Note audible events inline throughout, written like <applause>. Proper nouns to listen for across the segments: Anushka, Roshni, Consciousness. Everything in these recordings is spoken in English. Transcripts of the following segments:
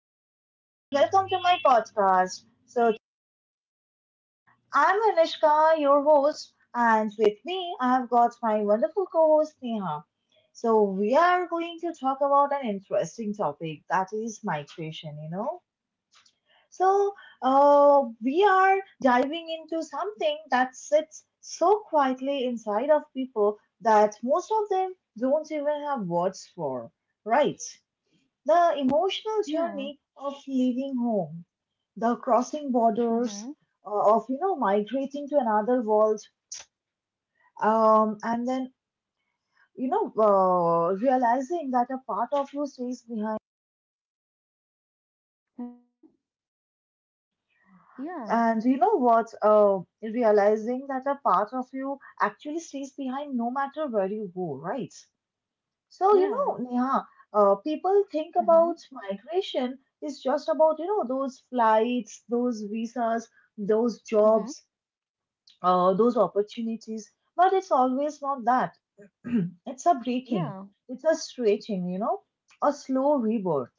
everyone, and welcome to my podcast. So, I'm Anushka, your host, and with me, I've got my wonderful co host, Neha. So, we are going to talk about an interesting topic that is migration. So, we are diving into something that sits so quietly inside of people that most of them don't even have words for, right? The emotional Yeah. journey of leaving home, the crossing borders, Mhm. Of migrating to another world, and then realizing that a part of you stays behind, Mhm. Yeah. and you know what, realizing that a part of you actually stays behind no matter where you go, right? So, Yeah. Neha, people think about Mhm. migration is just about those flights, those visas, those Mhm. jobs, those opportunities. But it's always not that. <clears throat> It's a breaking, Yeah. it's a stretching, a slow rebirth.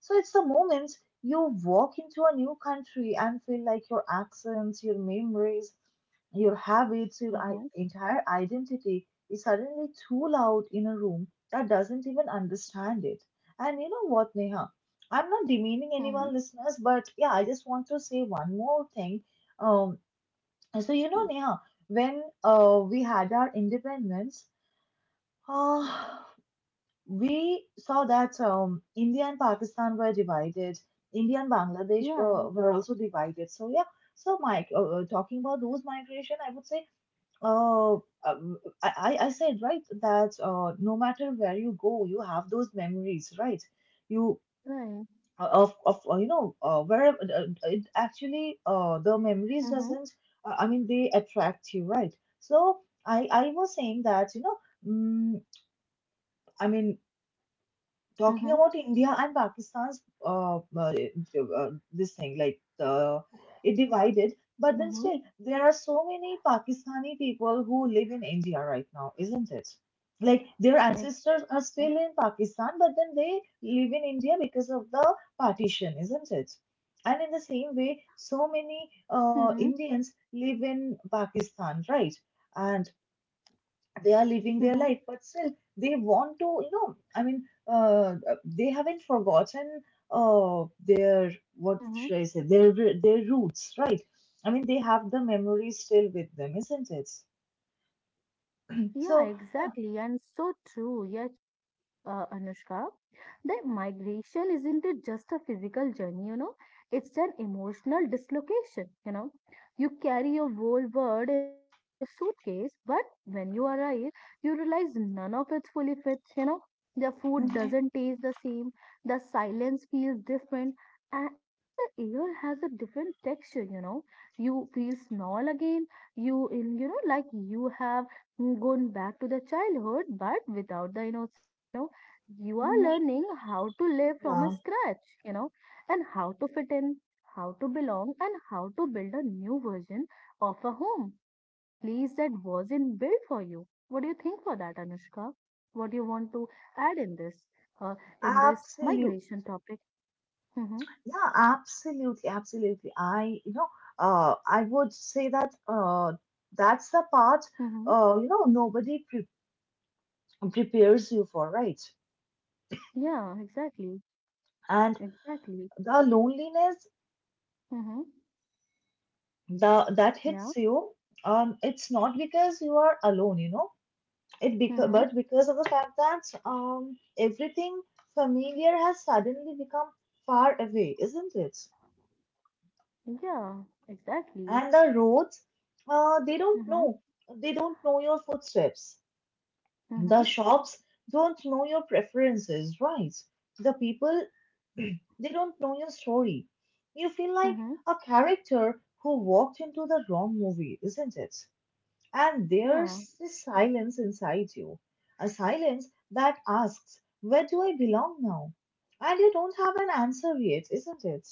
So it's the moment you walk into a new country and feel like your accents, your memories, your habits, your Mhm. entire identity is suddenly too loud in a room that doesn't even understand it. And you know what, Neha? I'm not demeaning anyone, Mhm. listeners, but yeah, I just want to say one more thing. Um, so, Neha, Mhm. when we had our independence, uh, we saw that India and Pakistan were divided. India and Bangladesh Yeah. were also divided. So, yeah, so Mike, talking about those migration, I would say, uh, I said, right, that no matter where you go, you have those memories, right? You Right. Of you know where, it actually, the memories Mhm. doesn't, they attract you, right? So I was saying that mm, i mean talking Mhm. about India and Pakistan's this thing, like, it divided, but then Mhm. still there are so many Pakistani people who live in India right now, isn't it? Like their ancestors are still Exactly. in Pakistan, but then they live in India because of the partition, isn't it? And in the same way, so many Mhm. Indians live in Pakistan, right? And they are living their Mhm. life, but still they want to, I mean, uh, they haven't forgotten, uh, their, what Mhm. should I say, their roots, right? I mean, they have the memories still with them, isn't it? Yeah, So, yeah. exactly. And so true. Yeah, it's so true, Anushka. That migration isn't it just a physical journey, you know? It's an emotional dislocation, you know? You carry your whole world inside your suitcase, but when you arrive, you realize none of it fully fits, you know? The food Hmm. doesn't taste the same, the silence feels different, and even the air has a different texture, you know? You feel small again, you in you know like you have Mm, going back to the childhood but without the innocence, you know, you are Hmm. learning how to live from a Yeah, scratch, you know, and how to fit in, how to belong, and how to build a new version of a home in a place that wasn't built for you. What do you think for that, Anushka? What do you want to add in this, uh, in this absolutely. migration topic? Mm-hmm. Yeah, absolutely, absolutely, I you know I would say that, that's the part, Mm-hmm. Nobody prepares you for, right? Yeah, exactly. And Exactly. the loneliness, Mm-hmm. the that Yeah. hits you. It's not because you are alone, it because, Mm-hmm. but because of the fact that everything familiar has suddenly become far away, isn't it? Yeah, exactly. And the roads, uh they don't Mm-hmm. know they don't know your footsteps. Mm-hmm. The shops don't know your preferences, right? The people <clears throat> they don't know your story. You feel like Mm-hmm. a character who walked into the wrong movie, isn't it? And Yeah. there's this silence inside you, a silence that asks, where do I belong now? And you don't have an answer yet, isn't it?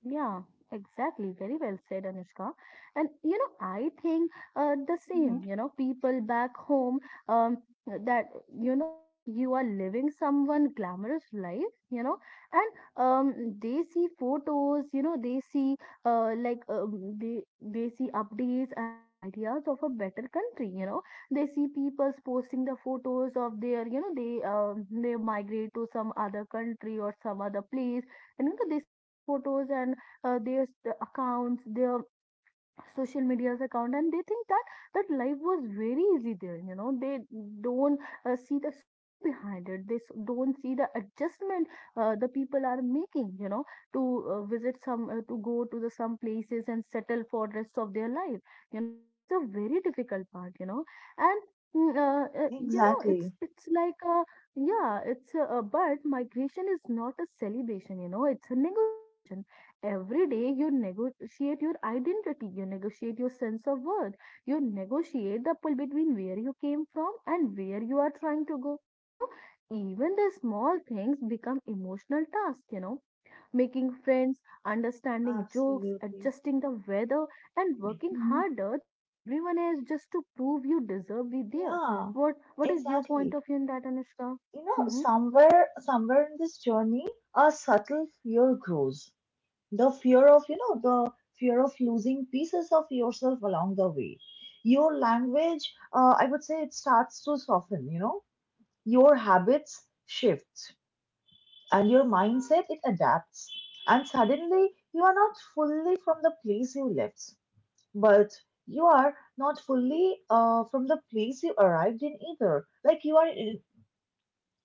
Yeah, exactly. Very well said, Anushka. And you know, I think the Hmm. same. You know, people back home, um, that, you know, think you are living someone glamorous life. You know, and they see photos. You know, they see, they see updates and the ideas of a better country. You know, they see people posting the photos of their. You know, they, they migrate to some other country or some other place, and you know, they see, photos and, their accounts, their social media's account, and they think that that life was very easy there, you know. They don't, see the struggle behind it. They don't see the adjustment, the people are making, you know, to, visit some to go to the some places and settle for rest of their life. You know, that's a very difficult part, you know. And mm, uh, uh, you know, Exactly. it's but migration is not a celebration, you know, it's a negotiation. Every day you negotiate your identity, you negotiate your sense of worth, you negotiate the pull between where you came from and where you are trying to go. You know, even the small things become emotional tasks, you know, making friends, understanding jokes, Absolutely. adjusting the weather, and working Mhm. harder than everyone else just to prove you deserve to be there. Yeah, What is your point exactly. of view in that, Anushka? You know, Mm-hmm. somewhere, somewhere in this journey, a subtle fear grows. The fear of losing pieces of yourself along the way. Your language, I would say, it starts to soften. Your habits shift, and your mindset it adapts, and suddenly you are not fully from the place you left, but you are not fully from the place you arrived in either, like you are in —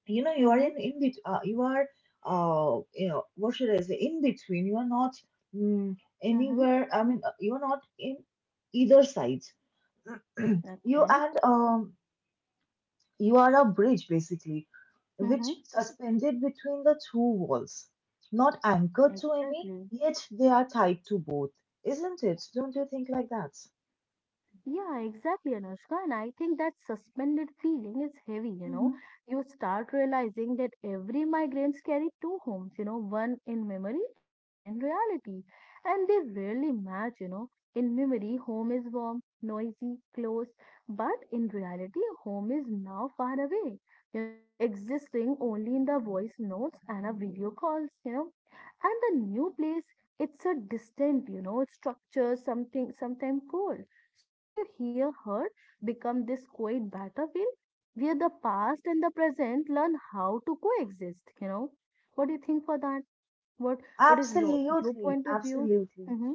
Mm-hmm. You are you know what should I say, in between, you are not mm, Mm-hmm. anywhere, I mean, you are not in either side. <clears throat> you Okay. and um You are a bridge, basically, Mm-hmm. which suspended between the two walls, not anchored to any, Exactly. yet they are tied to both, isn't it? Don't you think like that? Yeah, exactly, Anushka. And I think that suspended feeling is heavy, you know. Mm-hmm. You start realizing that every migrants carry two homes, you know, one in memory and one in reality. And they rarely match, you know. In memory, home is warm, noisy, close, but in reality, home is now far away, you know, existing only in the voice notes and a video calls, you know. And the new place, it's a distant, you know, structure, something, sometime cold, so you hear her become this quiet battlefield where the past and the present learn how to coexist, you know. What do you think for that? What is your Absolutely, point of view? absolutely. Mm-hmm.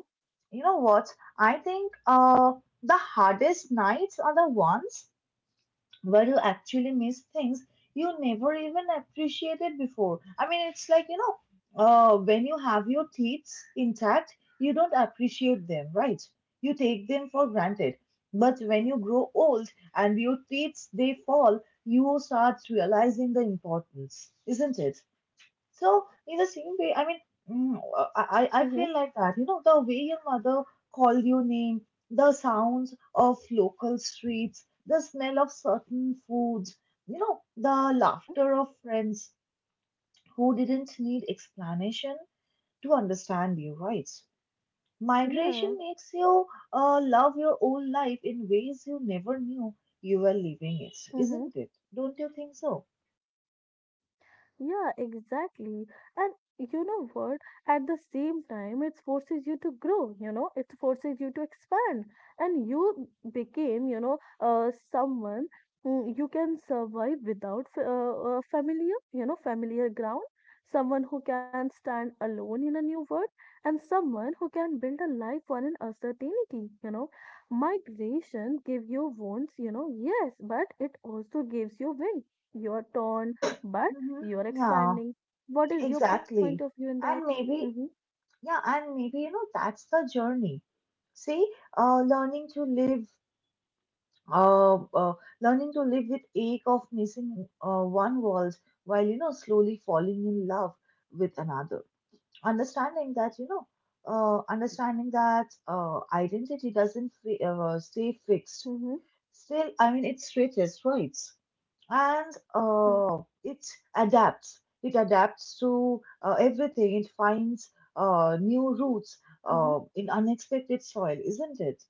You know what? I think the hardest nights are the ones where you actually miss things you never even appreciated before. I mean, it's like, when you have your teeth intact, you don't appreciate them, right? You take them for granted. But when you grow old and your teeth they fall, you start realizing the importance, isn't it? So in the same way, I mean, mm, I Mm-hmm. feel like that. The way your mother called your name, the sounds of local streets, the smell of certain foods, the Mm-hmm. laughter of friends who didn't need explanation to understand you, right? Migration Yeah. makes you love your old life in ways you never knew you were living it, Mm-hmm. isn't it? Don't you think so? Yeah, exactly. And you know what? At the same time, it forces you to grow, you know, it forces you to expand. And you became, you know, someone who you can survive without familiar, you know, familiar ground, someone who can stand alone in a new world, and someone who can build a life on an uncertainty, you know. Migration gives you wounds, you know, yes, but it also gives you wind. You're torn, but Mm-hmm. you're Yeah, expanding. What is your point of exactly. view in that? And Mm-hmm, maybe, yeah, and maybe, that's the journey. See, learning to live, uh, uh, with ache of missing one world while slowly falling in love with another. Understanding that you know, understanding that identity doesn't stay fixed. Still, I mean, it stretches, right? And mm-hmm, it adapts. It adapts to everything. It finds new roots mm-hmm. In unexpected soil, isn't it?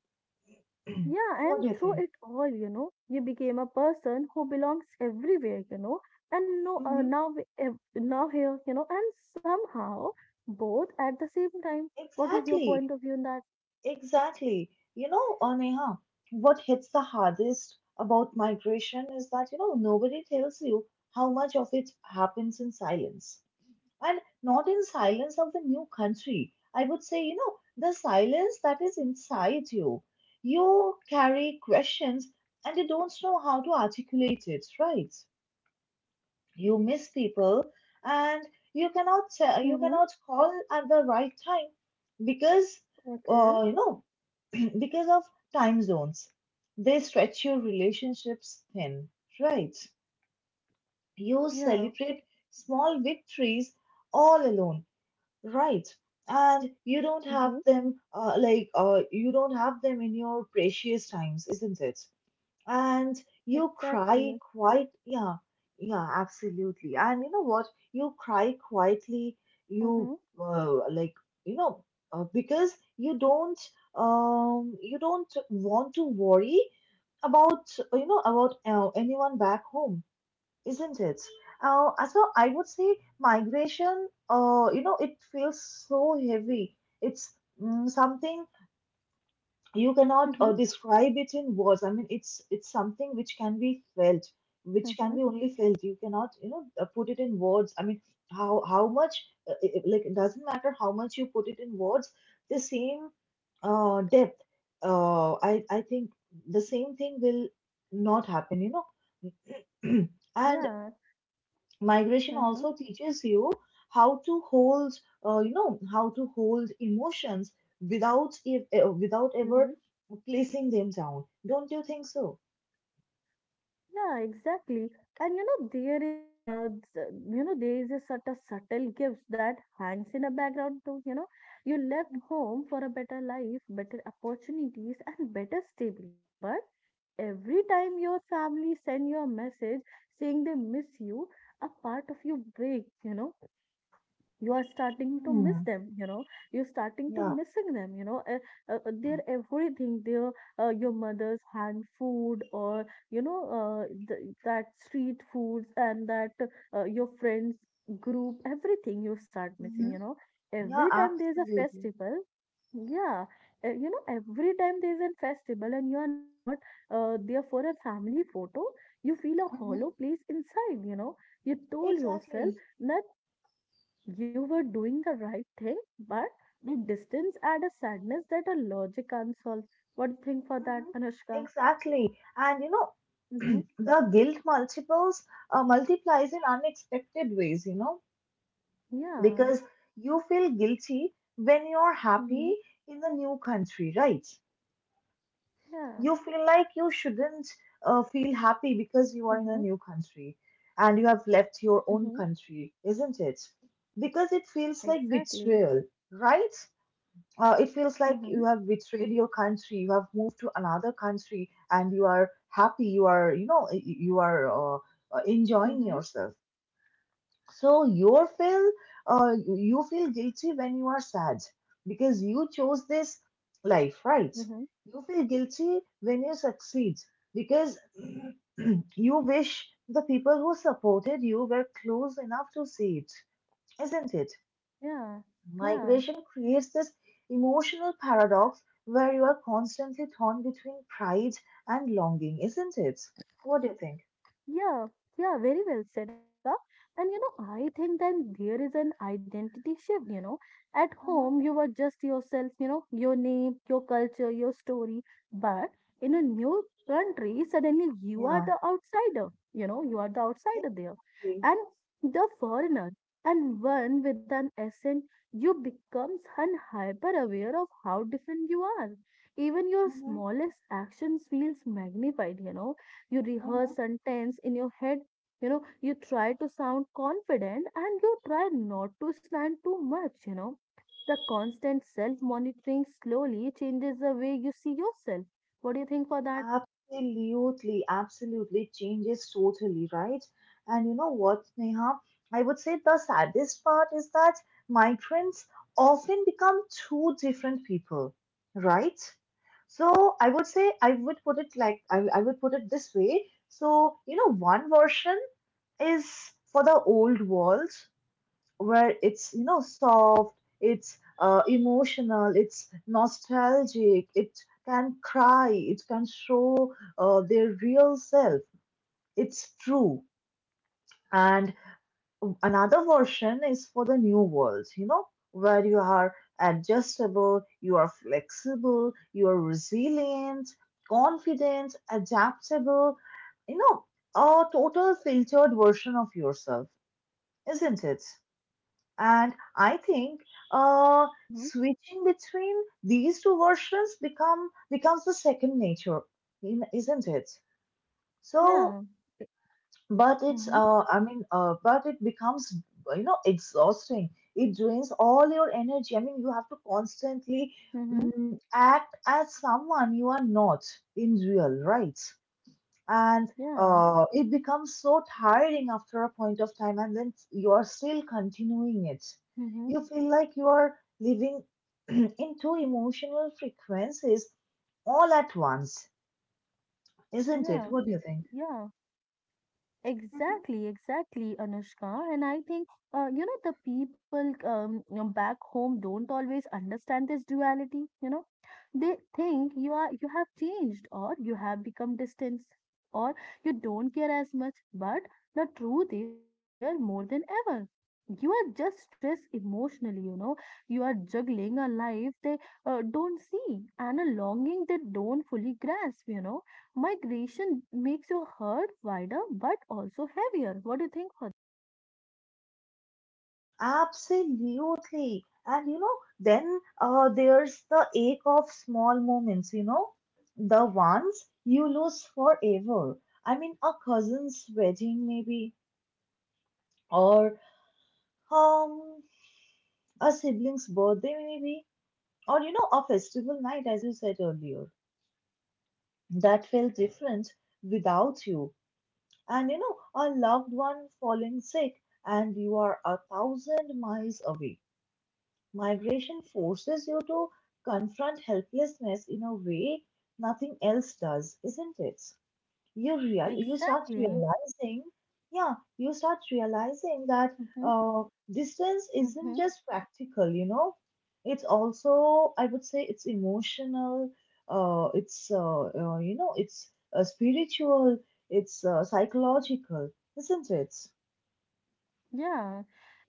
<clears throat> Yeah, What and do you through think? it all, you know, you became a person who belongs everywhere, you know, and no, Hmm. Now here, you know, and somehow both at the same time. What is your Exactly, point of view in that? exactly. Neha, what hits the hardest about migration is that nobody tells you how much of it happens in silence. And not in silence of the new country. I would say, the silence that is inside you. You carry questions, and you don't know how to articulate it, right? You miss people, and you cannot tell, you Mm-hmm, cannot call at the right time, because, okay, uh, you know, <clears throat> because of time zones. They stretch your relationships thin, right? You yeah, celebrate small victories all alone. Right. And you don't mm-hmm, have them, like, you don't have them in your precious times, isn't it? And you cry exactly. quite, yeah, yeah, absolutely. And you know what? You cry quietly, you, Mm-hmm, like, you know, because you don't want to worry about anyone back home, isn't it? So I would say migration, it feels so heavy. It's something you cannot mm-hmm, describe it in words. I mean, it's something which can be felt, which can mm-hmm, be only felt. You cannot, put it in words. I mean, how much, like, it doesn't matter how much you put it in words. The same depth, I think the same thing will not happen. <clears throat> And yeah, migration mm-hmm, also teaches you how to hold you know how to hold emotions without mm-hmm. ever placing them down, don't you think so? Yeah, exactly. And you know, there is, you know, there is a sort of subtle gift that hangs in a background too. You know, you left home for a better life, better opportunities, and better stability. But every time your family send you a message saying they miss you, a part of you break. You know, you are starting to miss Hmm. them, you know, you're starting to Yeah. missing them, you know, their everything, their, your mother's hand food, or you know, that street foods, and that, your friends group, everything you start missing, Mm-hmm. you know, Yeah, every time there's a absolutely. festival, yeah, you know, every time there's a festival and you are not, there for a family photo, you feel a Mm-hmm. hollow place inside, you know. You told Exactly. yourself that you were doing the right thing, but the distance adds a sadness that a logic can't solve. What do you think for that, Hmm. Anushka? Exactly. And <clears throat> Mm-hmm. the guilt multiples multiplies in unexpected ways, Yeah. because you feel guilty when you're happy Mm-hmm. in the new country, right? Yeah. You feel like you shouldn't feel happy because you are in a Mm-hmm. new country and you have left your own Mm-hmm. country, isn't it? Because it feels like Exactly. betrayal, right? It feels like Mm-hmm. you have betrayed your country, you have moved to another country, and you are happy, you are, you know, y- you are enjoying Mm-hmm. yourself. So you feel guilty when you are sad because you chose this life, right? Mm-hmm. You feel guilty when you succeed because <clears throat> you wish the people who supported you were close enough to see it, isn't it? Yeah. Yeah. Migration creates this emotional paradox where you are constantly torn between pride and longing, isn't it? What do you think? Yeah, yeah, very well said, Anushka. And you know, I think then there is an identity shift, you know. At Mhm. home, you were just yourself, you know, your name, your culture, your story. But in a new country, suddenly you are Yeah. the outsider, you know, you are the outsider there. Agree. And the foreigner, and one with an accent, you becomes un hyper aware of how different you are. Even your Mhm. smallest actions feels magnified, you know, you rehearse Mhm. sentence in your head, you know, you try to sound confident and you try not to slant too much, you know, the constant self monitoring slowly changes the way you see yourself. What do you think for that? Absolutely, absolutely. Changes totally, right? And you know what, Neha? I would say the saddest part is that migrants often become two different people, right? So I would put it this way. So, one version is for the old world where it's soft, it's emotional, it's nostalgic, it can cry, it can show their real self, it's true. And another version is for the new world, where you are adjustable, you are flexible, you are resilient, confident, adaptable, you know a total filtered version of yourself, isn't it? And I think, uh, Mm-hmm. switching between these two versions becomes the second nature, isn't it? So, Yeah. but it's Mm-hmm. I mean, but it becomes, exhausting. It drains all your energy. I mean, you have to constantly Mm-hmm. Act as someone you are not in real, right? and Yeah. uh, it becomes so tiring after a point of time, and then you are still continuing it. Mm-hmm. You feel like you are living <clears throat> in two emotional frequencies all at once, isn't it? Yeah. What do you think? Yeah. Mhm. Exactly, exactly, Anushka. And I think, you know, the people, you know, back home don't always understand this duality. You know, they think you are you have changed, or you have become distant, or you don't care as much. But the truth is, you care more than ever. You are just stressed emotionally. You know, you are juggling a life they, don't see, and a longing they don't fully grasp. You know, migration makes your herd wider but also heavier. What do you think for Absolutely. And you know, then there's the ache of small moments, you know, the ones you lose forever. I mean, a cousin's wedding, maybe, or um, a sibling's birthday maybe, or you know, a festival night, as you said earlier, that felt different without you. And you know, a loved one falling sick and you are a thousand miles away. Migration forces you to confront helplessness in a way nothing else does, isn't it? That? You start Exactly. realizing, yeah, you start realizing that Mm-hmm. uh, distance isn't just practical, you know, it's also, I would say, it's emotional, it's you know, it's spiritual, it's psychological, isn't it? Yeah,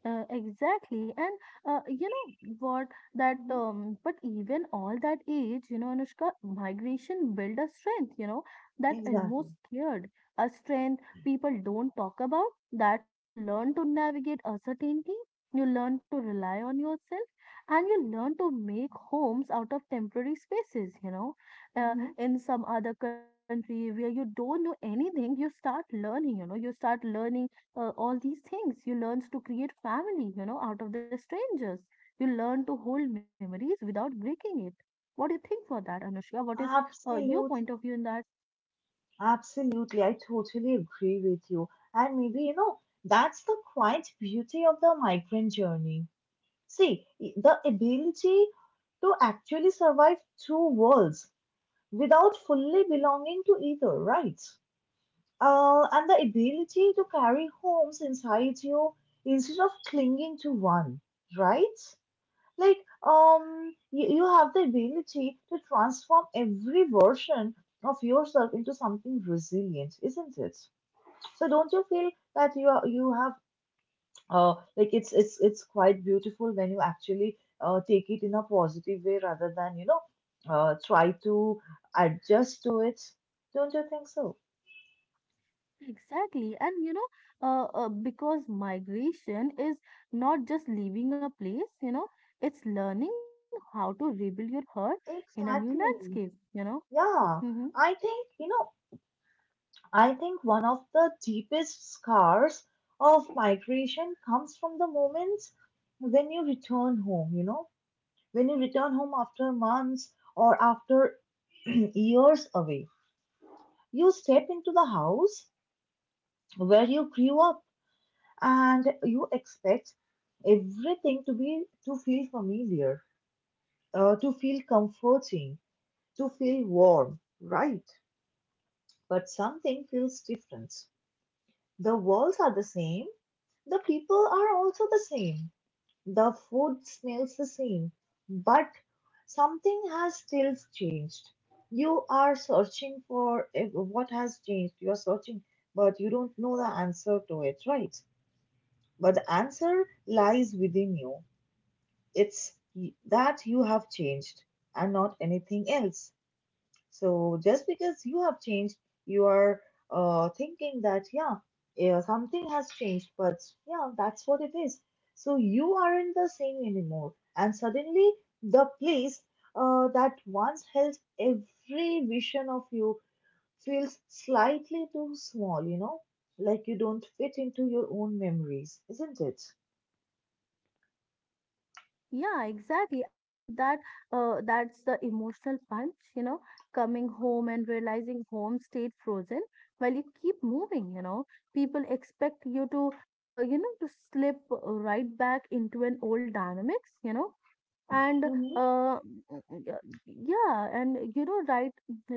exactly. And you know what? That, Hmm. But even all that age, you know, Anushka, migration build a strength. You know, that almost Exactly. scared, a strength people don't talk about. That you learn to navigate uncertainty, you learn to rely on yourself, and you learn to make homes out of temporary spaces. You know, Mm-hmm. in some other country where you don't know anything, you start learning. You know, you start learning, all these things. You learn to create family, you know, out of the strangers. You learn to hold memories without breaking it. What do you think for that, Anushka? What is, your point Absolutely. of view in that? Absolutely. I totally agree with you. And maybe, you know, that's the quite beauty of the migrant journey. See, the ability to actually survive two worlds without fully belonging to either, right? And the ability to carry homes inside you instead of clinging to one, right? Like, you, have the ability to transform every version of yourself into something resilient, isn't it? So don't you feel that you are, you have like it's quite beautiful when you actually take it in a positive way rather than, you know, try to adjust to it, don't you think so? Exactly. And you know, because migration is not just leaving a place, you know, it's learning how to rebuild your heart in a new landscape, Exactly. you know. Yeah, Mm-hmm. I think, you know, I think one of the deepest scars of migration comes from the moments when you return home, you know, when you return home after months or after <clears throat> years away. You step into the house where you grew up and you expect everything to be, to feel familiar, to feel comforting, to feel warm, right? But something feels different. The walls are the same, the people are also the same, the food smells the same, but something has still changed. You are searching for what has changed, you are searching, but you don't know the answer to it, right? But the answer lies within you. It's that you have changed and not anything else. So just because you have changed, you are thinking that, yeah, yeah, something has changed, but yeah, that's what it is. So you aren't the same anymore. And suddenly, the place that once held every vision of you feels slightly too small, you know, like you don't fit into your own memories, isn't it? Yeah, exactly. And you know that, that's the emotional punch, you know, coming home and realizing home stayed frozen while you keep moving, you know. People expect you to, you know, to slip, right back into an old dynamics, you know, and, Hmm. uh, y- yeah, and you know, write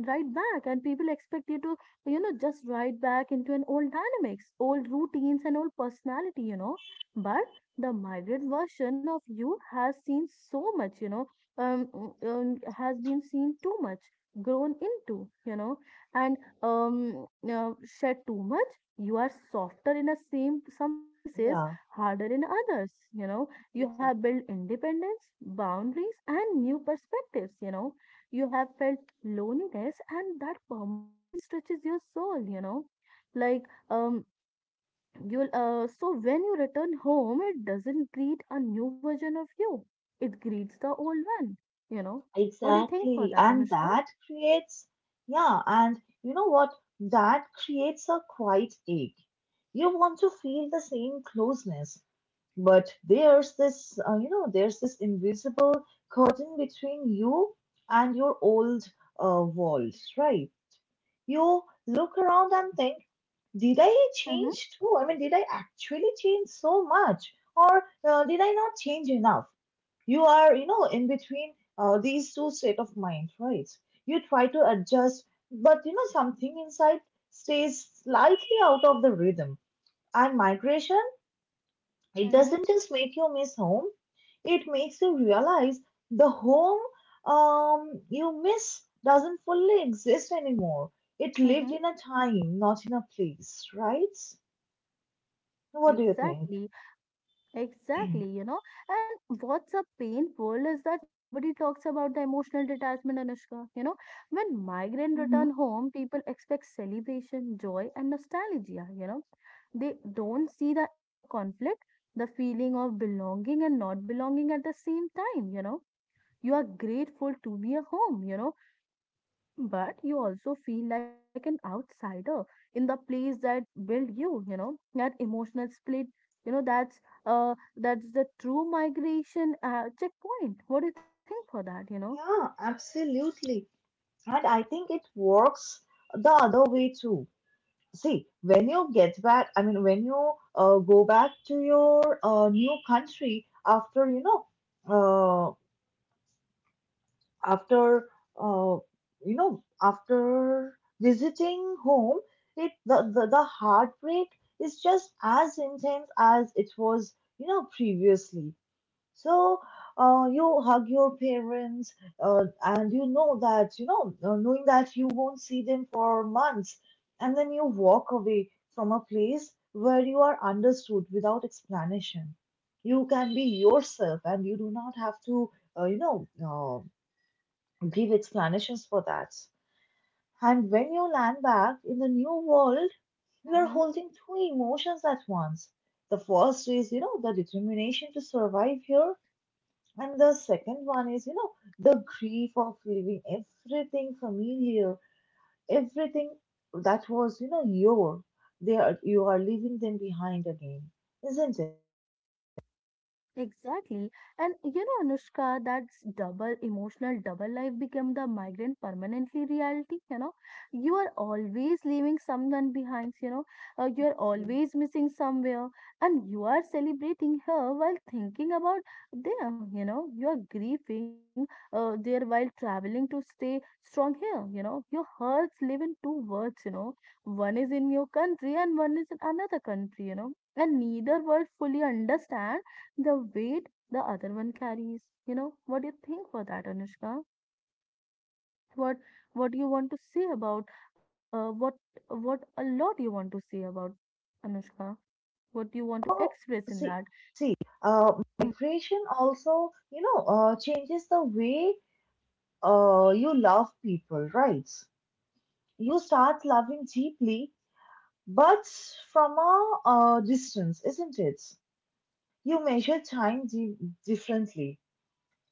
write back, and people expect you to, you know, just write back into an old dynamics, old routines, and old personality, you know. But the migrant version of you has seen so much, you know, um, has been seen too much, grown into, you know, and um uh, shed too much. You are softer in a same some places, Yeah, harder in others, you know. You have exactly. built independence, boundaries, and new perspectives. You know, you have felt loneliness, and that permanently stretches your soul. You know, like, um, you'll so when you return home, it doesn't greet a new version of you. It greets the old one. You know, what do you think for Exactly. that, And Anushka? that creates, yeah, and you know what? That creates a quiet ache. You want to feel the same closeness, but there's this, you know, there's this invisible curtain between you and your old world, right? You look around and think, did I Mm-hmm, change too? I mean, did I actually change so much? Or did I not change enough? You are, you know, in between these two state of mind, right? You try to adjust, but you know, something inside stays slightly out of the rhythm. And migration, it mm-hmm, doesn't just make you miss home, it makes you realize the home, you miss doesn't fully exist anymore. It lived mm-hmm. in a time, not in a place, right? What do you think? Exactly. Exactly, you know. And what's a painful is that nobody talks about the emotional detachment, Anushka. You know, when migrant Hmm. return home, people expect celebration, joy, and nostalgia. You know, they don't see the inner conflict, the feeling of belonging and not belonging at the same time. You know, you are grateful to be a home. But you also feel like an outsider in the place that built you. You know That emotional split, you know that's that's the true migration checkpoint. What do you think for that? Yeah, absolutely. And I think it works the other way too. See, when you get back, I mean, when you go back to your new country after, you know, uh, after, uh, you know, after visiting home, it the, the heartbreak is just as intense as it was, you know, previously. So you hug your parents, and you know that, you know, knowing that you won't see them for months, and then you walk away from a place where you are understood without explanation. You can be yourself, and you do not have to, you know, give explanations for that. And when you land back in the new world, you are Mm-hmm. holding two emotions at once. The first is, you know, the determination to survive here, and the second one is, you know, the grief of leaving everything familiar, everything that was, you know, your. They are, you are leaving them behind again, isn't it? Exactly. And, Anushka, that's double emotional double life became the migrant permanently reality. You are always leaving someone behind, you are always missing somewhere, and you are celebrating her while thinking about them. You are grieving there while traveling to stay strong here. Your hearts live in two worlds, one is in your country and one is in another country, and neither world fully understands the weight the other one carries. What do you think for that, Anushka? What what you want to say about uh, what what a lot you want to say about Anushka? What you want to Oh, express in see, that? see, uh, migration also, you know, changes the way you love people, right? You start loving deeply, but from a distance, isn't it? You measure time differently.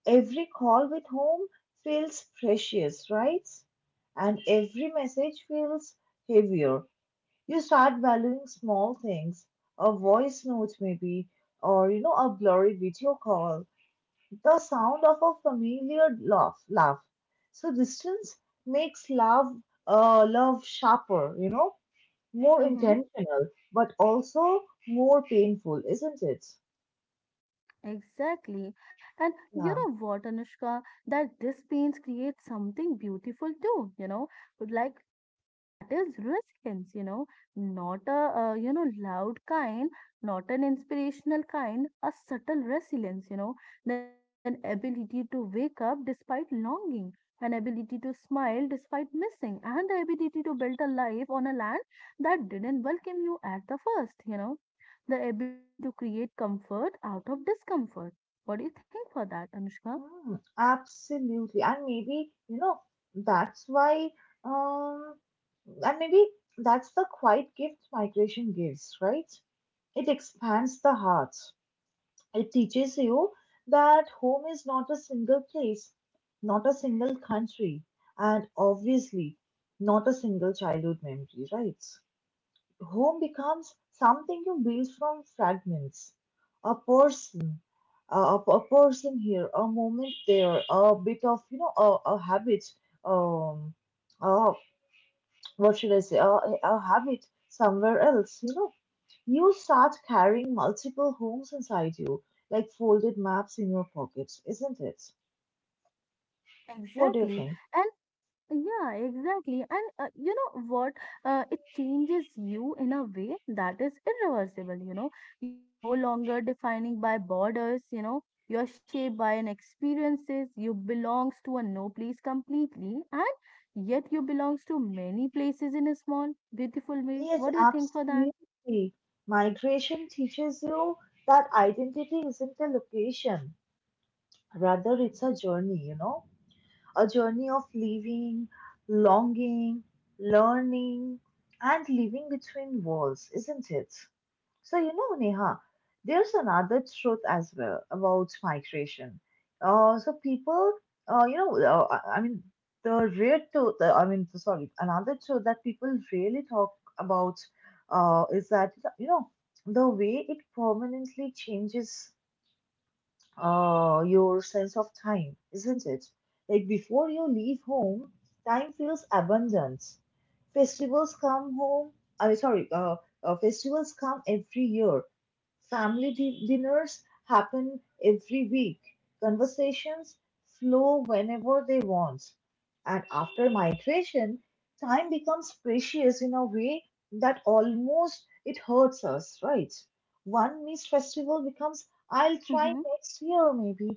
Every call with home feels precious, right? And every message feels heavier. You start valuing small things, a voice note maybe, or you know, a blurry video call, the sound of a familiar laugh. Laugh. So distance makes love, love sharper, you know, more Mm-hmm. intentional, but also more painful, isn't it? Exactly. And you Yeah. know what, Anushka? That this pains create something beautiful too, like that is resilience. Not a loud kind, not an inspirational kind, a subtle resilience. Then ability to wake up despite longing, an ability to smile despite missing, and the ability to build a life on a land that didn't welcome you at the first. The ability to create comfort out of discomfort. What do you think for that, anushka? Hmm. Absolutely. And maybe, you know, that's why, um, and maybe that's the quiet gift migration gives, right? It expands the heart. It teaches you that home is not a single place, not a single country, and obviously not a single childhood memory, right? Home becomes something you build from fragments. A person, a person here, a moment there, a bit of, you know, a habit, um, uh, what should I say, a habit somewhere else, you know. You start carrying multiple homes inside you, like folded maps in your pockets, isn't it? What do you Exactly. think? and Yeah, exactly. And you know what? It changes you in a way that is irreversible. You are no longer defining by borders, you are shaped by an experiences, you belongs to a no place completely, and yet you belongs to many places in a small, beautiful way. Yes, What do you think for that? absolutely. Migration teaches you that identity isn't a location. Rather, it's a journey, you know, a journey of living, longing, learning, and living between worlds, isn't it? So, you know, Neha, there's another truth as well about migration. So people, you know, I mean, the real truth, I mean, sorry, another truth that people really talk about is that, you know, the way it permanently changes your sense of time, isn't it? Like before you leave home, time feels abundant. Festivals come home. I mean, sorry, festivals come every year. Family dinners happen every week. Conversations flow whenever they want. And after migration, time becomes precious in a way that almost it hurts us, right? One missed festival becomes I'll try Mm-hmm, next year maybe,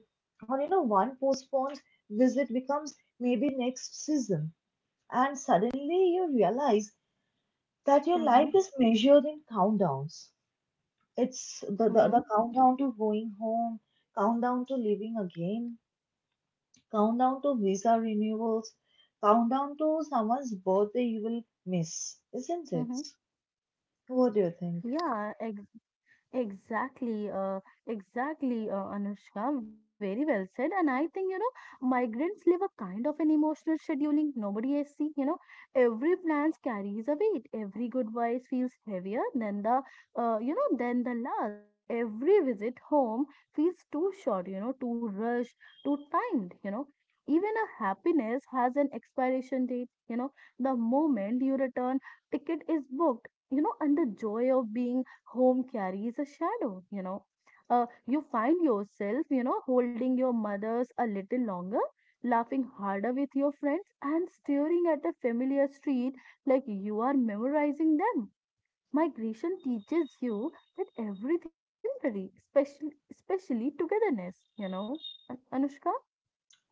or you know, one postponed visit becomes maybe next season. And suddenly you realize that your mm-hmm, life is measured in countdowns. It's the, the mm-hmm, countdown to going home, countdown to living again, countdown to visa renewals, countdown to someone's birthday you will miss, mm-hmm. isn't it? What do you think? Yeah, Exactly, uh, exactly, Anushka. Very well said. And I think, migrants live a kind of an emotional scheduling. Nobody is seeing, every plans carries a weight. Every good voice feels heavier than the last. Every visit home feels too short, too rushed, too timed. Even a happiness has an expiration date. The moment you return, ticket is booked, and the joy of being home carries a shadow. You know. You find yourself, holding your mothers a little longer, laughing harder with your friends, and staring at a familiar street like you are memorizing them. Migration teaches you that everything is temporary, especially, especially togetherness. Anushka,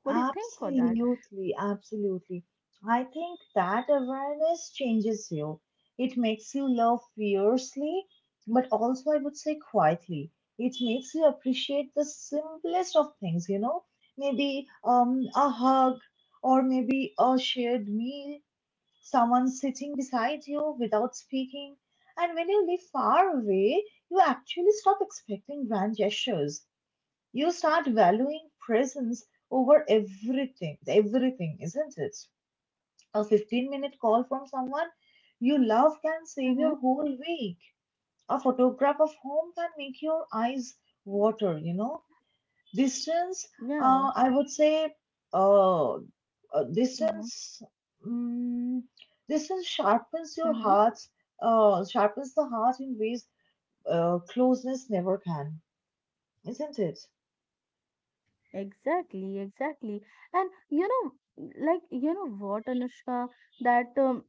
what do you think for that? Absolutely, absolutely. I think that awareness changes you. It makes you love fiercely, but also, I would say, quietly. It makes you appreciate the simplest of things, you know, maybe a hug, or maybe a shared meal, someone sitting beside you without speaking. And when you live far away, you actually stop expecting grand gestures. You start valuing presence over everything, everything, isn't it? A fifteen-minute minute call from someone you love can save Mm-hmm. your whole week. A photograph of home can make your eyes water, you know. Distance, Yeah. I would say, uh, Mm-hmm. distance, mm distance sharpens your Mm-hmm. heart, sharpens the heart in ways closeness never can, isn't it? Exactly, exactly. And like you know what, Anushka, that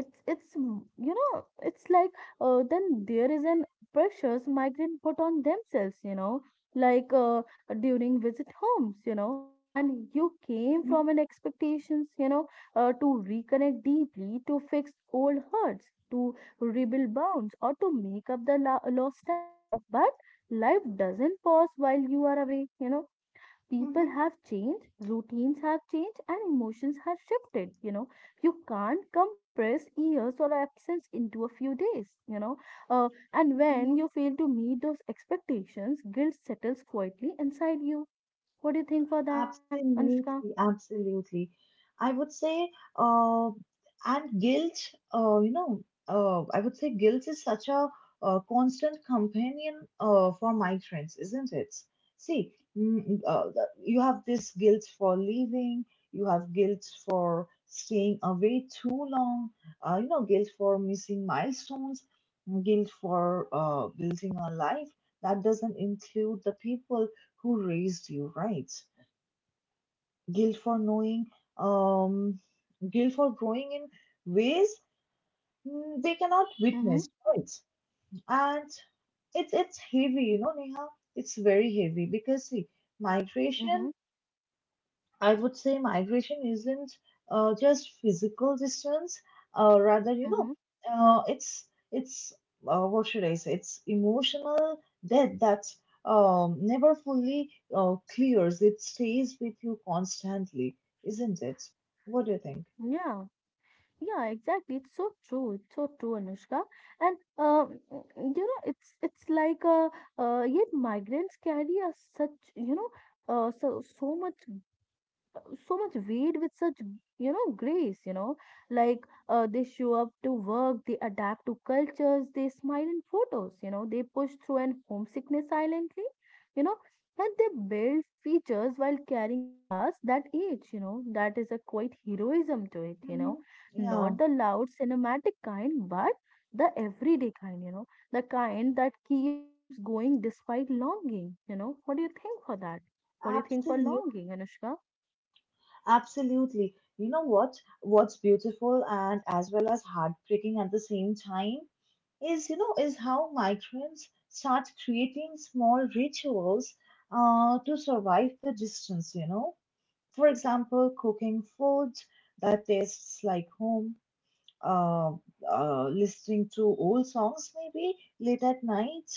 it's mm, you know it's like then there is an pressures migrant put on themselves, like during visit homes, and you came Hmm. from an expectations, to reconnect deeply, to fix old hurts, to rebuild bonds, or to make up the la lost time, but life doesn't pause while you are away. People Hmm. have changed, routines have changed, and emotions have shifted. You can't compress years or absence into a few days. Uh, and when you fail to meet those expectations, guilt settles quietly inside you. What do you think for that, Anushka? Absolutely, absolutely. I would say, uh, and guilt, I would say guilt is such a, constant companion for migrants, isn't it? See, you have this guilt for leaving, you have guilt for staying away too long, you know, guilt for missing milestones, guilt for building a life that doesn't include the people who raised you, right? Guilt for knowing, um, guilt for growing in ways, they cannot Mm-hmm, witness, right? And it's heavy, you know, Neha. It's very heavy because see, migration, mm-hmm, I would say migration isn't just physical distance, rather, you know, mm-hmm. uh, it's it's what should I say? It's emotional debt that never fully clears. It stays with you constantly, isn't it? What do you think? Yeah. Yeah, exactly. It's so true. It's so true, Anushka. And it's like yet migrants carry a such uh, so so much so much weight with such grace. Like they show up to work, they adapt to cultures, they smile in photos, they push through and homesickness silently. you know and they build features while carrying a past that age. That is a quite heroism to it. Hmm. Not Yeah. the loud cinematic kind, but the everyday kind. The kind that keeps going despite longing. What do you think for that? What do you think for longing, anushka? Absolutely. You know what? What's beautiful and as well as heartbreaking at the same time is, you know, is how migrants start creating small rituals to survive the distance, you know. For example, cooking food that tastes like home, uh, listening to old songs, maybe late at night,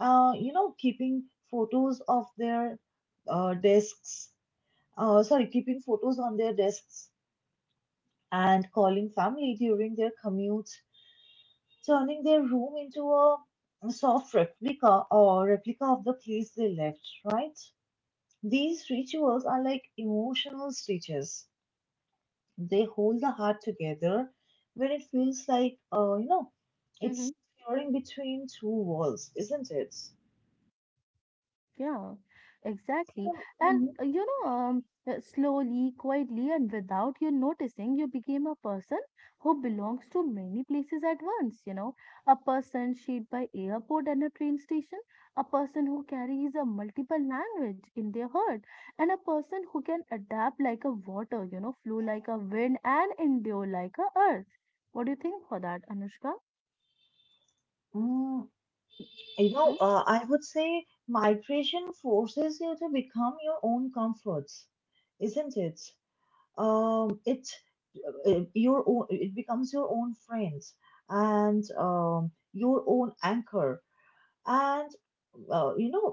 you know, keeping photos of their desks, sorry, keeping photos on their desks and calling family during their commutes, turning their room into a soft replica or replica of the place they left, right? These rituals are like emotional stitches. They hold the heart together when it feels like, you know, it's tearing between two walls, isn't it? Yeah, exactly. So, And uh, you know, um, uh, slowly, quietly, and without you noticing, you became a person who belongs to many places at once. A person shaped by airport and a train station, a person who carries a multiple language in their heart, and a person who can adapt like a water, flow like a wind, and endure like a earth. What do you think for that, Anushka? mm, <laughs> you know, Mm-hmm. I would say migration forces you to become your own comforts, isn't it? It your own it becomes your own friends, and your own anchor, and uh, you know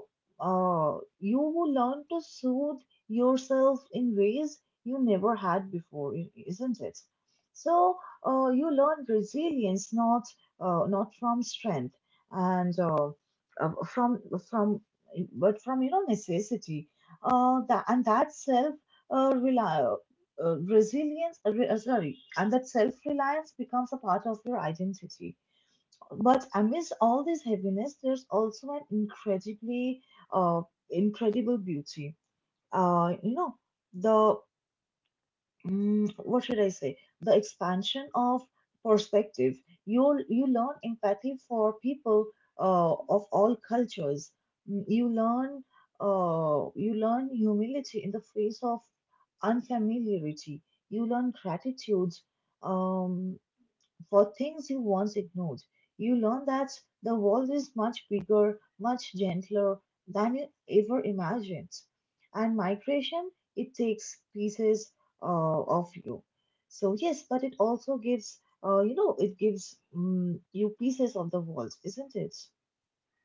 you learn to soothe yourself in ways you never had before, isn't it? So you learn resilience, not not from strength, and uh, from from but from, necessity. And that self, rely, resilience re- sorry and that self reliance becomes a part of your identity. But amidst all this heaviness, there's also an uh, incredible beauty. Uh, you know, the what should I say? The expansion of perspective. You learn empathy for people, of all cultures. Mm, You learn you learn humility in the face of unfamiliarity. You learn gratitude, Um, for things you once ignored. You learn that the world is much bigger, much gentler than you ever imagined. And migration, it takes pieces of you. So yes, but it also gives you pieces of the world, isn't it?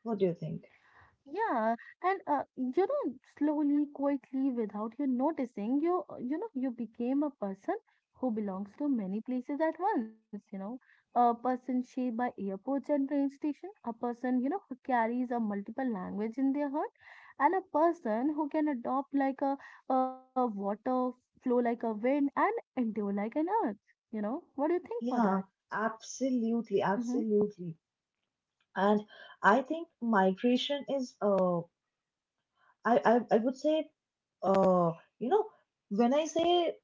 What do you think? Yeah, and slowly, quietly, without you noticing, you became a person who belongs to many places at once. A person shaped by airports and train station, a person who carries a multiple language in their heart, and a person who can adopt like a water, flow like a wind, and endure like an earth. What do you think for Yeah, that? absolutely, Mm-hmm, absolutely. And I think migration is, I would say, uh, you know, when I say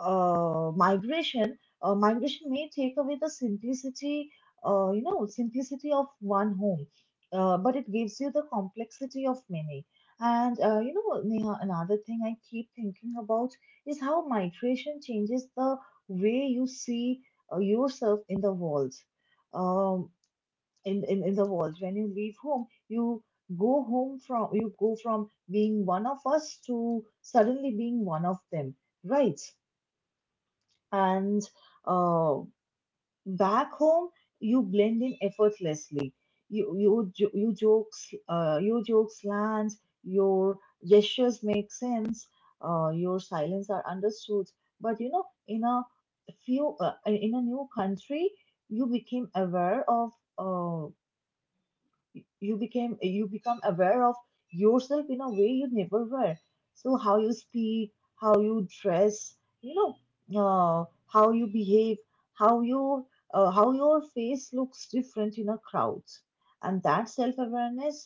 migration may take away the simplicity, simplicity of one home, but it gives you the complexity of many. And Neha, another thing I keep thinking about is how migration changes the way you see yourself in the world. Um, in the world, when you leave home, you go from being one of us to suddenly being one of them, right? And uh, back home, you blend in effortlessly. You jokes land. Your gestures make sense. Your silence are understood. But in a few in a new country, you became aware of uh, you become aware of yourself in a way you never were. So how you speak, how you dress, you know uh, how you behave, how you how your face looks different in a crowd. And that self awareness,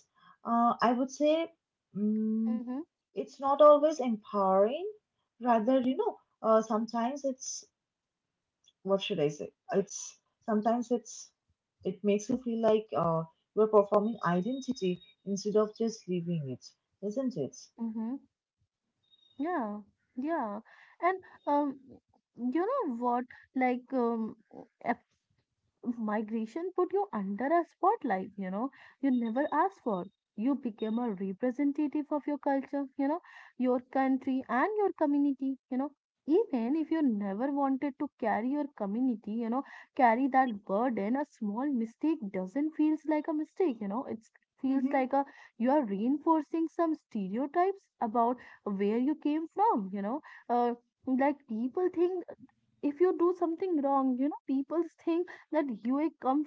I would say, mm, mm-hmm, it's not always empowering. Rather, sometimes it's, what should I say? It's sometimes it's It makes you feel like, you're performing identity instead of just living it, isn't it? mm-hmm. Yeah, yeah. And um, you know what? Like migration put you under a spotlight, you never asked for. You became a representative of your culture, your country and your community. Even if you never wanted to carry your community, carry that burden, a small mistake doesn't feels like a mistake, it feels Mm-hmm. like a you are reinforcing some stereotypes about where you came from. Uh, like people think if you do something wrong, people think that UA comes,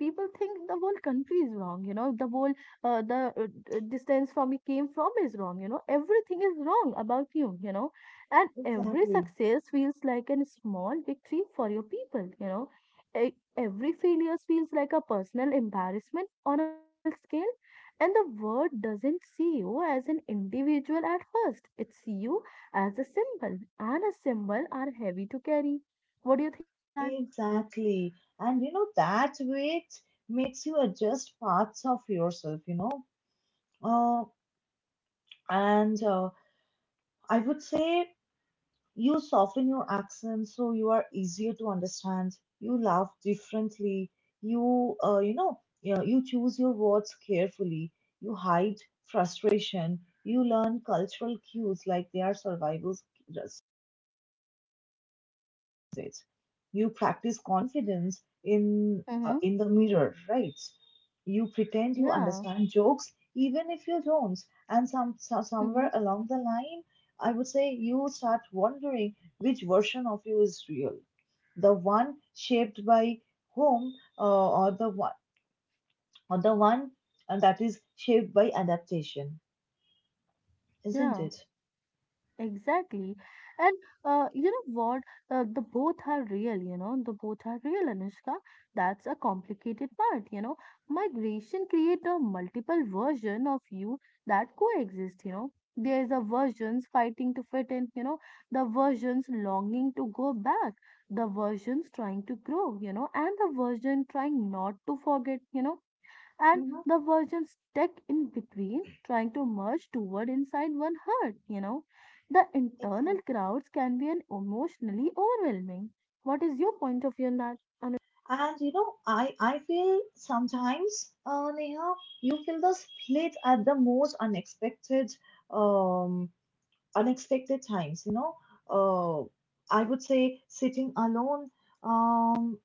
people think the whole country is wrong, the whole the distance from he came from is wrong, everything is wrong about you, and every Exactly, success feels like a small victory for your people. Every failure feels like a personal embarrassment on a global scale, and the world doesn't see you as an individual at first. It sees you as a symbol, and a symbol are heavy to carry. What do you think for that? exactly. And you know, that way it makes you adjust parts of yourself. Uh, and I would say, you soften your accent so you are easier to understand. You laugh differently. You choose your words carefully. You hide frustration. You learn cultural cues like they are survival says. You practice confidence in the mirror, right? You pretend you Yeah, understand jokes even if you don't, and mm-hmm. somewhere along the line, I would say you start wondering which version of you is real, the one shaped by home, uh, or the one or the one that is shaped by adaptation, isn't Yeah, it? exactly. And you know what? The both are real, the both are real, Anushka. That's a complicated part. Migration create a multiple version of you that coexist. There's the versions fighting to fit in, the versions longing to go back, the versions trying to grow, and the version trying not to forget, and Mm-hmm. the virgin stuck in between, trying to merge toward inside one heart. The internal Exactly. crowds can be an emotionally overwhelming. What is your point of view on that? Anu? And you know, I feel sometimes, Neha, you feel the split at the most um, unexpected times. You know, uh, I would say, sitting alone, um,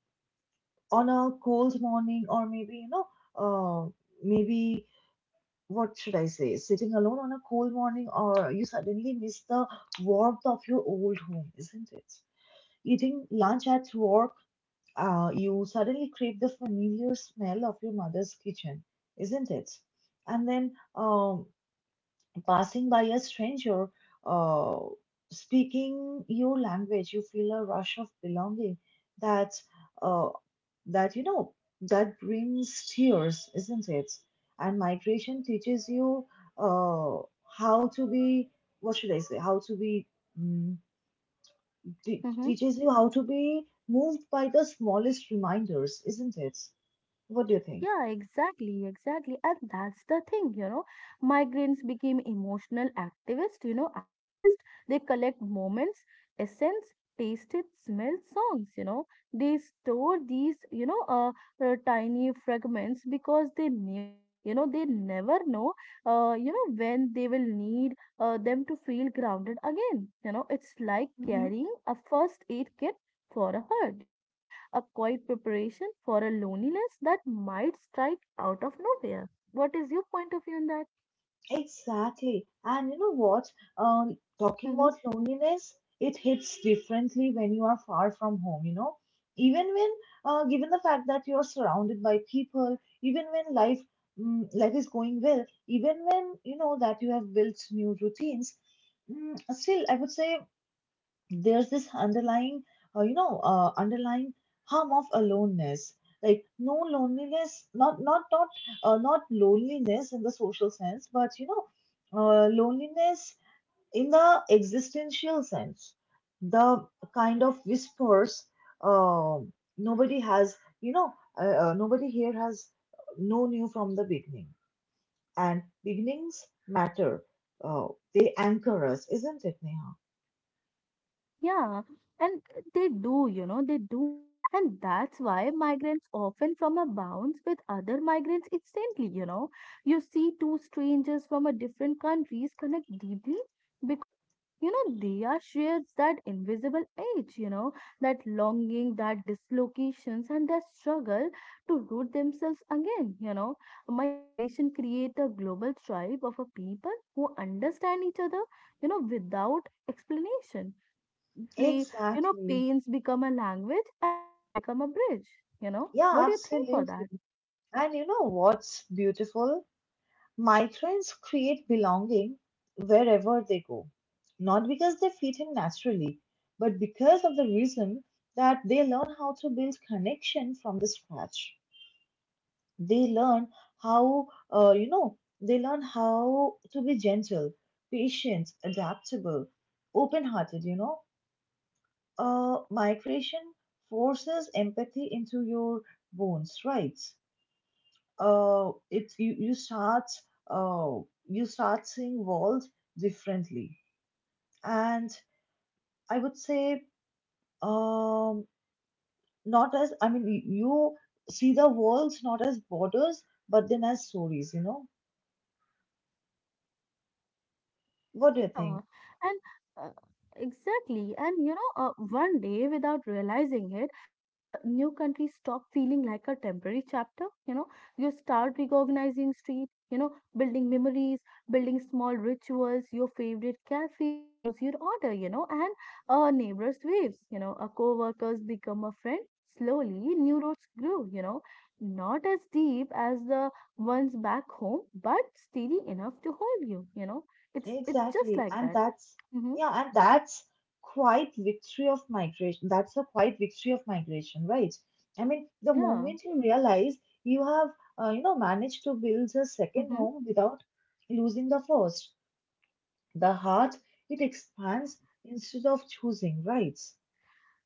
on a cold morning, or uh, maybe what should I say? Sitting alone on a cold morning, or you suddenly miss the warmth of your old home, isn't it? Eating lunch at work, you suddenly crave the familiar smell of your mother's kitchen, isn't it? And then, passing by a stranger, uh, speaking your language, you feel a rush of belonging that uh, that you know that brings tears, isn't it? And migration teaches you, uh, how to be, what should I say? How to be mm, te- teaches you how to be moved by the smallest reminders, isn't it? What do you think? Yeah, exactly, exactly. And that's the thing. Migrants became emotional activists, archivists. They collect moments, essence, tasted, smelled songs. They store these, tiny fragments because they knew, they never know, when they will need them to feel grounded again. It's like Hmm. carrying a first aid kit for a hurt, a quiet preparation for a loneliness that might strike out of nowhere. What is your point of view on that? Exactly. And you know what? Talking Mm-hmm. about loneliness, it hits differently when you are far from home, you know? Even when, given the fact that you're surrounded by people, even when life is going well, even when you know that you have built new routines, still, I would say there's this underlying you know underlying harm of aloneness. Like, no, loneliness, not loneliness in the social sense, but loneliness in the existential sense, the kind of whispers, uh, nobody has you know uh, nobody here has known you from the beginning. And beginnings matter, uh, they anchor us, isn't it, Neha? Yeah, and they do, they do. And that's why migrants often from a bounce with other migrants instantly. You know. You see two strangers from a different countries connect deeply because, they are shares that invisible edge, that longing, that dislocations and that struggle to root themselves again. Migration create a global tribe of a people who understand each other, without explanation play, Exactly. pains become a language and home become a bridge. Yeah, What do you think for that? absolutely. And you know what's beautiful? Migrants create belonging wherever they go, not because they fit in naturally, but because of the reason that they learn how to build connection from the scratch. They learn how, you know, they learn how to be gentle, patient, adaptable, open-hearted. You know, migration forces empathy into your bones, right? It you, uh, you start seeing world differently. And I would say, um, not as, I mean, you see the world not as borders but then as stories. What do you Yeah, think? and uh, exactly. And one day without realizing it, the new country stop feeling like a temporary chapter. You start recognizing street, building memories, building small rituals, your favorite cafe knows your order, and neighbors waves, a co-workers become a friend. Slowly, new roads grew, not as deep as the ones back home, but steady enough to hold you. You know It's just Exactly. like And that. that's, Mm-hmm. yeah, and that's quite victory of migration. That's a quite victory of migration, right? I mean, the Yeah. moment you realize you have, managed to build a second Mm-hmm. home without losing the first, the heart, it expands instead of choosing, right?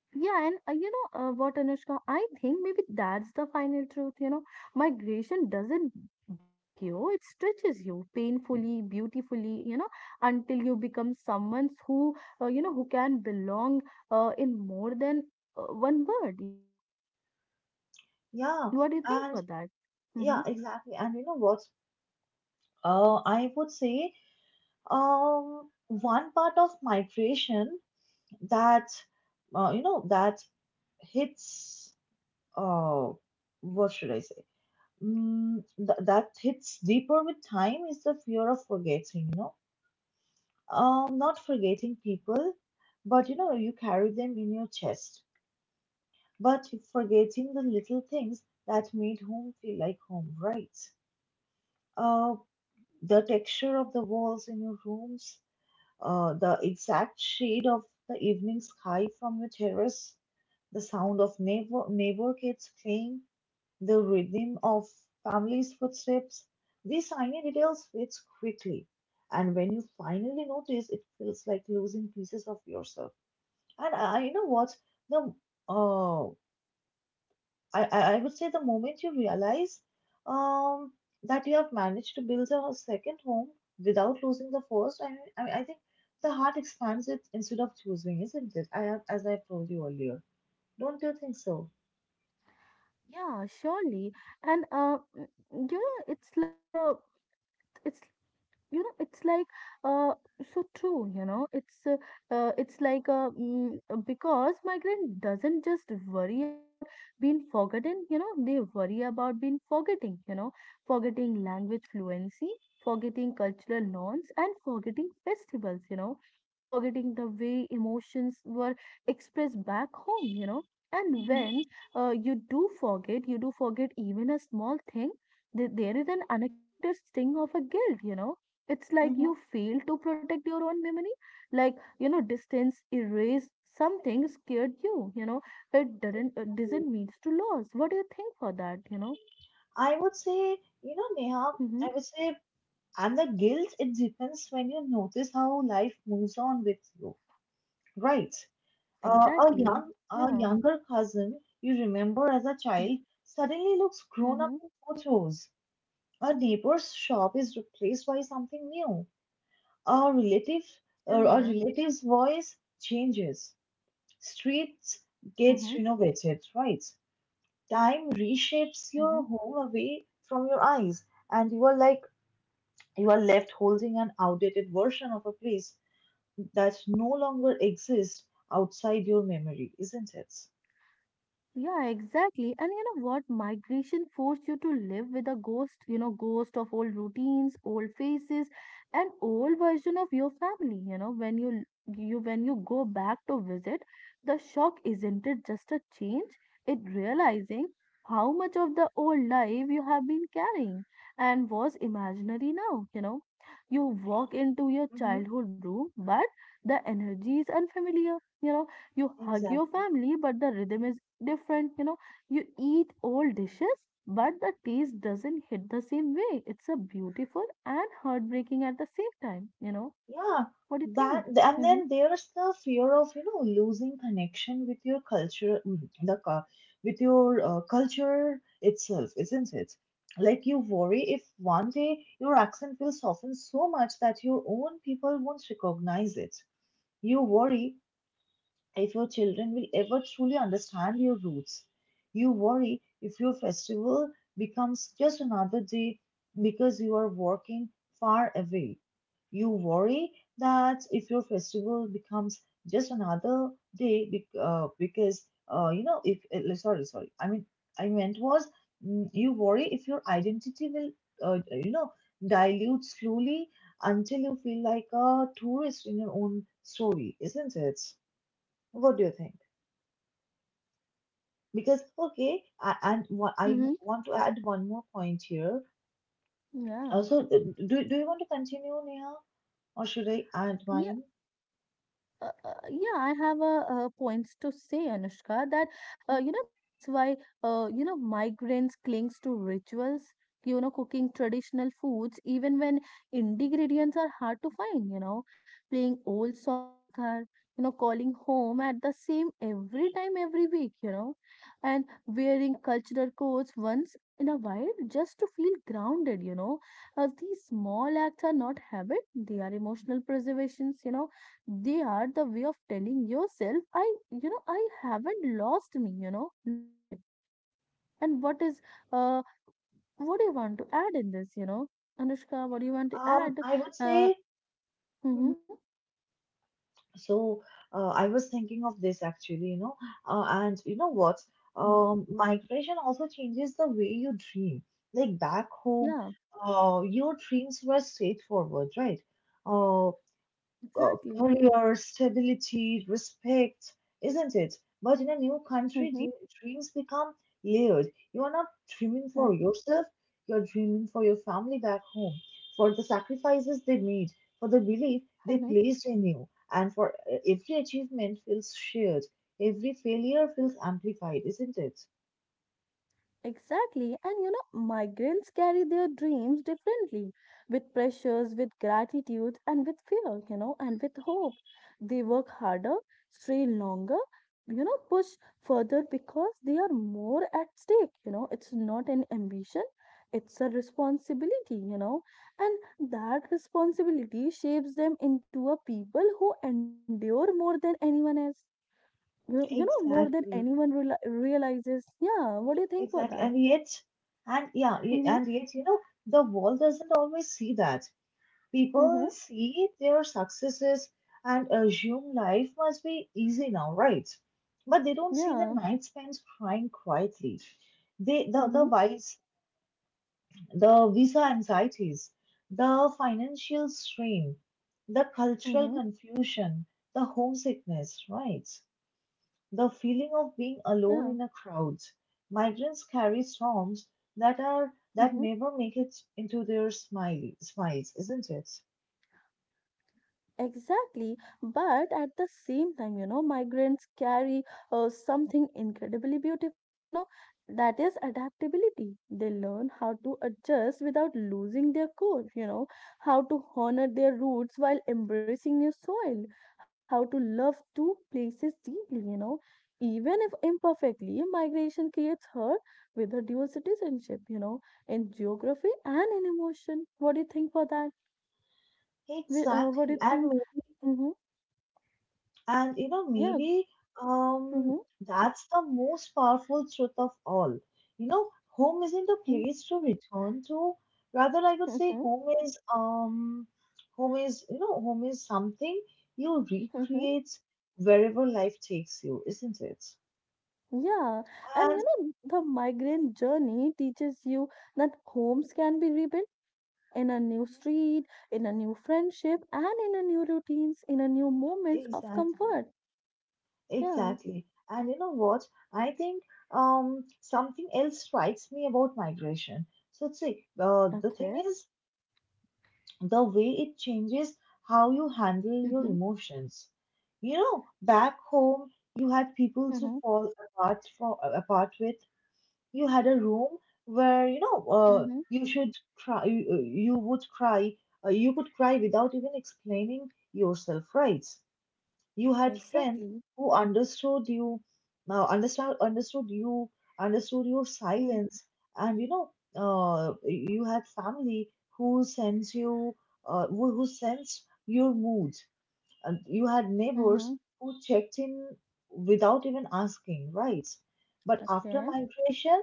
Yeah, and what, Anushka? I think maybe that's the final truth. Migration doesn't break you; it stretches you painfully, beautifully. Until you become someone who who can belong in more than one word. Yeah, What do you think and, for that? Mm-hmm. yeah, exactly. And you know what? I would say, one part of migration that you know that hits, uh, what should I say? That hits deeper with time is the fear of forgetting. You know, not forgetting people, but you carry them in your chest. But forgetting the little things that made home feel like home, right? Uh, the texture of the walls in your rooms, the exact shade of the evening sky from your terrace, the sound of neighbor kids playing, the rhythm of family's footsteps. These tiny details fade quickly, and when you finally notice, it feels like losing pieces of yourself. And you know what? The uh, I would say the moment you realize um, that you have managed to build a second home without losing the first. I think the heart expands it instead of choosing, isn't it? I have, as I've told you earlier. Don't you think so? Yeah, surely. And mm, you know, it's like it's it's uh so true because migrant doesn't just worry about being forgotten. They worry about being forgetting, forgetting language fluency, forgetting cultural norms, and forgetting festivals, forgetting the way emotions were expressed back home. And Mm-hmm. when you do forget, you do forget even a small thing, there is an unexpected sting of a guilt. It's like you fail to protect your own memory. Like, distance erase something scared you you know it doesn't it Mm-hmm. doesn't mean to loss. What do you think for that? I would say, you know, Neha, Mm-hmm. I would say, and the guilt, it depends when you notice how life moves on with you, right? A Exactly. young, Yeah. a younger cousin you remember as a Mm-hmm. child suddenly looks grown Mm-hmm. up in photos. A neighbor's shop is replaced by something new. A relative, Yeah. a relative's voice changes. Streets Mm-hmm. gets renovated, right? Time reshapes Mm-hmm. your home away from your eyes, and you are left holding an outdated version of a place that no longer exists outside your memory, isn't it? Yeah, exactly. And you know what? Migration forced you to live with a ghost, ghost of old routines, old faces, and old version of your family. When you go back to visit, the shock isn't it just a change? It realizing how much of the old life you have been carrying and was imaginary now, you know. You walk into your childhood room, but the energy is unfamiliar. You know, you hug your Exactly. family, but the rhythm is different. You eat all dishes, but the taste doesn't hit the same way. It's a beautiful and heartbreaking at the same time. Yeah. What do you think? Hmm. And then there's the fear of, losing connection with your culture, with your culture itself, isn't it? Like you worry if one day your accent will soften so much that your own people won't recognize it. You worry if your children will ever truly understand your roots. You worry if your festival becomes just another day because you are working far away. You worry that if your festival becomes just another day bec- because, you know, if, sorry, sorry, I mean, I meant was mm, you worry if your identity will, uh, you know, dilute slowly until you feel like a tourist in your own story, isn't it? What do you think? Because okay, I Mm-hmm. want to add one more point here. Yeah. Also, do you want to continue, Neha, or should I add mine? Yeah, I have points to say, Anushka, that Mhm. That's why migrants clings to rituals, cooking traditional foods even when ingredients are hard to find. Playing old song in a car, calling home at the same every time every week. And wearing cultural codes once in a while just to feel grounded. These small acts are not habit; they are emotional preservations. They are the way of telling yourself I I haven't lost me, not yet. And what is uh what do you want to add in this, Anushka? What do you want to add? I would uh say. mhm. Mhm. So. I was thinking of this actually, and you know what? Mhm. Migration also changes the way you dream. Like, back home, Yeah. Your dreams were straightforward, right? Uh. Exactly. Career, stability, respect, isn't it? But in a new country, Mm-hmm. Dreams become layered. You are not dreaming for Mm-hmm. yourself, you're dreaming for your family back home, for the sacrifices they made, for the belief they Mm-hmm. placed in you, and for every achievement feels shared. Every failure feels amplified, isn't it? Exactly. And migrants carry their dreams differently with pressures, with gratitude, and with fear, and with hope. They work harder, stay longer, push further because they are more at stake. It's not an ambition, it's a responsibility, and that responsibility shapes them into a people who endure more than anyone else. More than Exactly, anyone realizes. Yeah, what do you think for exactly. that? And yet, Mhm. and yet, you know, the world doesn't always see that. People Mhm. see their successes and assume life must be easy now, right? But they don't see the Yeah. night spent crying quietly. They, the, the Mhm. vice, the visa anxieties, the financial strain, the cultural Mhm. confusion, the homesickness, right? The feeling of being Yeah. alone in a crowd. Migrants carry storms that Mhm. never make it into their smiley smiles, isn't it? Exactly, but at the same time, migrants carry something incredibly beautiful, that is adaptability. They learn how to adjust without losing their core, how to honor their roots while embracing new soil, how to love two places deeply. Even if imperfectly, migration creates her with a dual citizenship, in geography and in emotion. What do you think for that? What do Exactly, you and, think? Hmm. and Yeah. maybe um Hmm. that's the most powerful truth of all. You know, home isn't a Hmm. place to return to. Rather, I would say home is home is something you Hmm. recreate wherever life takes you, isn't it? Yeah. And And you know, the migrant journey teaches you that homes can be rebuilt, in a new Mhm. street, in a new friendship, and in a new routines, in a new moments of Exactly, comfort. Yeah. exactly. And you know what? I think Mm. Something else strikes me about migration. So see, the thing Okay. is the way it changes how you handle your Mm-hmm. emotions. You know, back home, you had people to Mm-hmm. fall apart for apart with. You had a room where Mm-hmm. you should cry. You would cry. You could cry without even explaining yourself, right? You had friends Exactly. who understood you, understood you, understood your silence, and you had family who sensed you, who sensed your mood, and you had Mm-hmm. neighbors who checked in without even asking, right? But after Okay. migration,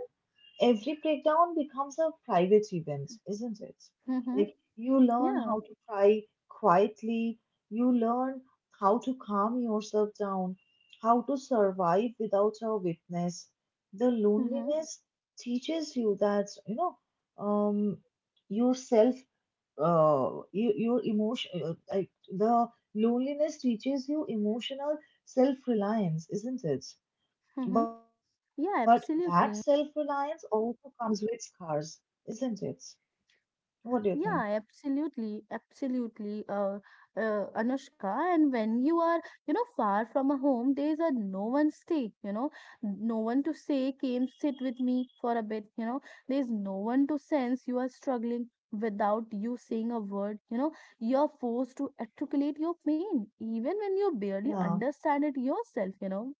every breakdown becomes a private event, isn't it? Mm-hmm. Like you learn Yeah. how to cry quietly, you learn how to calm yourself down, how to survive without a witness. The Mm-hmm. loneliness teaches you that um, yourself, your emotion, like the loneliness teaches you emotional self-reliance, isn't it? Mm-hmm. But that Yeah, self reliance absolutely. also comes with scars, isn't it? What do you think? Yeah, absolutely, absolutely, Anushka. And when you are, far from a home, there is a no one stay, no one to say, came sit with me for a bit, there is no one to sense you are struggling without you saying a word, you're forced to articulate your pain, even when you barely Yeah, understand it yourself.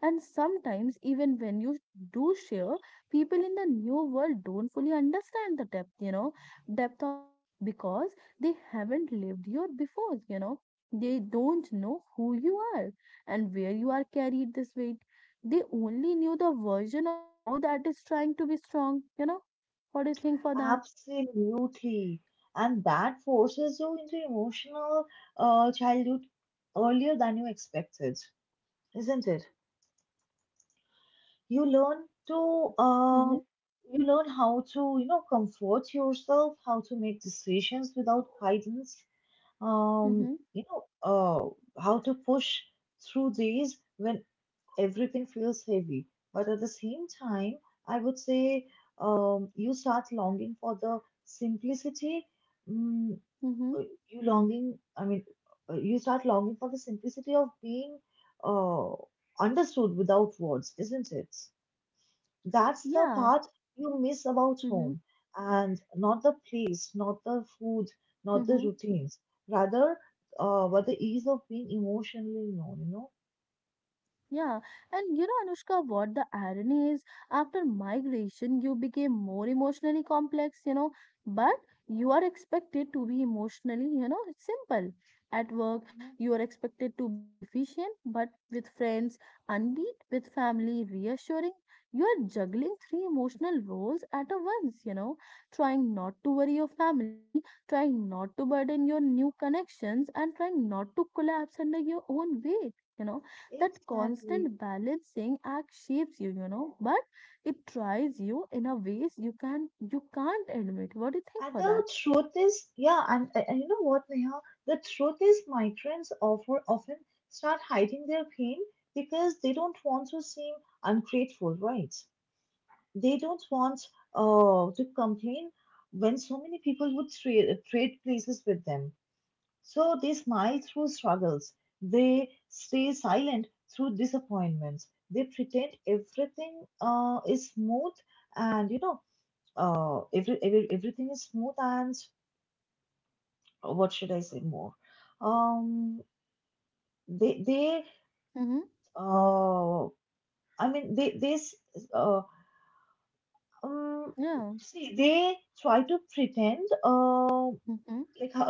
And sometimes, even when you do share, people in the new world don't fully understand the depth, you know depth of it because they haven't lived here before. They don't know who you are and where you are carried this weight. They only knew the version of you that is trying to be strong. What do you think for that? absolutely. And that forces you into emotional childhood earlier than you expected, isn't it? You learn Yeah. to Mm-hmm. uh, you learn how to comfort yourself, how to make decisions without guidance. Mm-hmm. How to push through these when everything feels heavy. But at the same time, I would say you start longing for the simplicity. mm, Mm-hmm. uh, I mean, you start longing for the simplicity of being uh, understood without words, isn't it? That's the Yeah. part you miss about Mm-hmm. home, and not the place, not the food, not the Mm-hmm. routines. Rather, but the ease of being emotionally known, you know? Yeah, and Anushka, what the irony is, after migration, you became more emotionally complex, but you are expected to be emotionally, simple. At work, Mhm. you are expected to be an efficient, but with friends, unbeat, with family, reassuring. You are juggling three emotional roles at a once, trying not to worry your family, trying not to burden your new connections, and trying not to collapse under your own weight. That Exactly. constant balancing act shapes you you know but it tries you in a ways you can't admit. What do you think And for that? the truth is, yeah, and you know what, Neha? The truth is, often start hiding their pain because they don't want to seem ungrateful, right? They don't want to complain when so many people would trade places with them. So they smile through struggles, they stay silent through disappointments, they pretend everything is smooth and, you know, everything is smooth and what should I say more? Um, they Mm-hmm. uh, I mean they this uh um Yeah. see they try to pretend Mm-hmm. like how,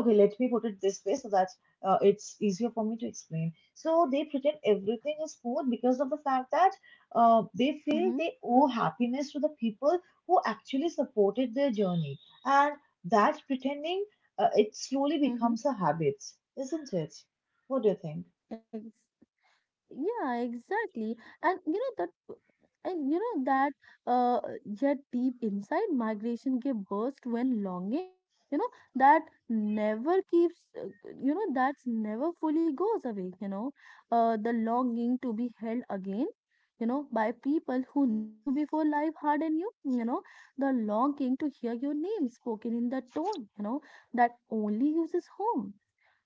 okay, let me put it this way so that it's easier for me to explain. So they pretend everything is smooth because of the fact that they Mm-hmm. feel they owe happiness to the people who actually supported their journey, and that pretending it slowly Mm-hmm. becomes a habit, isn't it? What do you think? Yeah, exactly. And you know that and you know that yet deep inside migration gave birth to longing, you know, that never keeps, that's never fully goes away, the longing to be held again, by people who know you before life hardened you, the longing to hear your name spoken in the tone, that only uses home,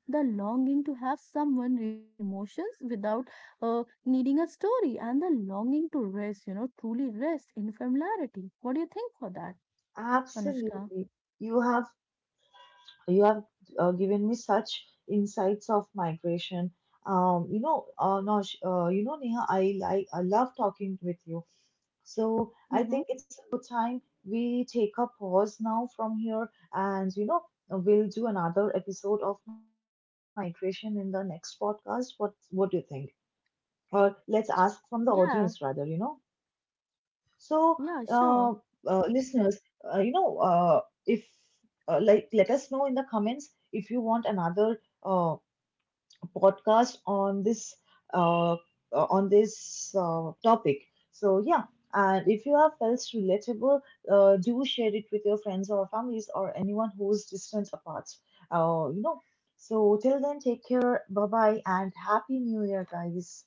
the longing to have someone read your emotions without needing a story, and the longing to rest, truly rest in familiarity. What do you think for that, Anushka? Absolutely. You have you have given me such insights of migration. Nosh, you know, Neha, I love talking with you, so I Mm-hmm. think it's a time we take a pause now from here, and you know we'll do another episode of migration in the next podcast. What do you think? Or let's ask from the audience rather, Yeah, you know. so, yeah, uh, sure. uh, listeners, you know, if like, let us know in the comments if you want another podcast on this uh, uh, topic. So, yeah, and if you have felt relatable, do share it with your friends or families or anyone who's distance apart. Uh, you know. So till then, take care. Bye bye, and happy New Year, guys.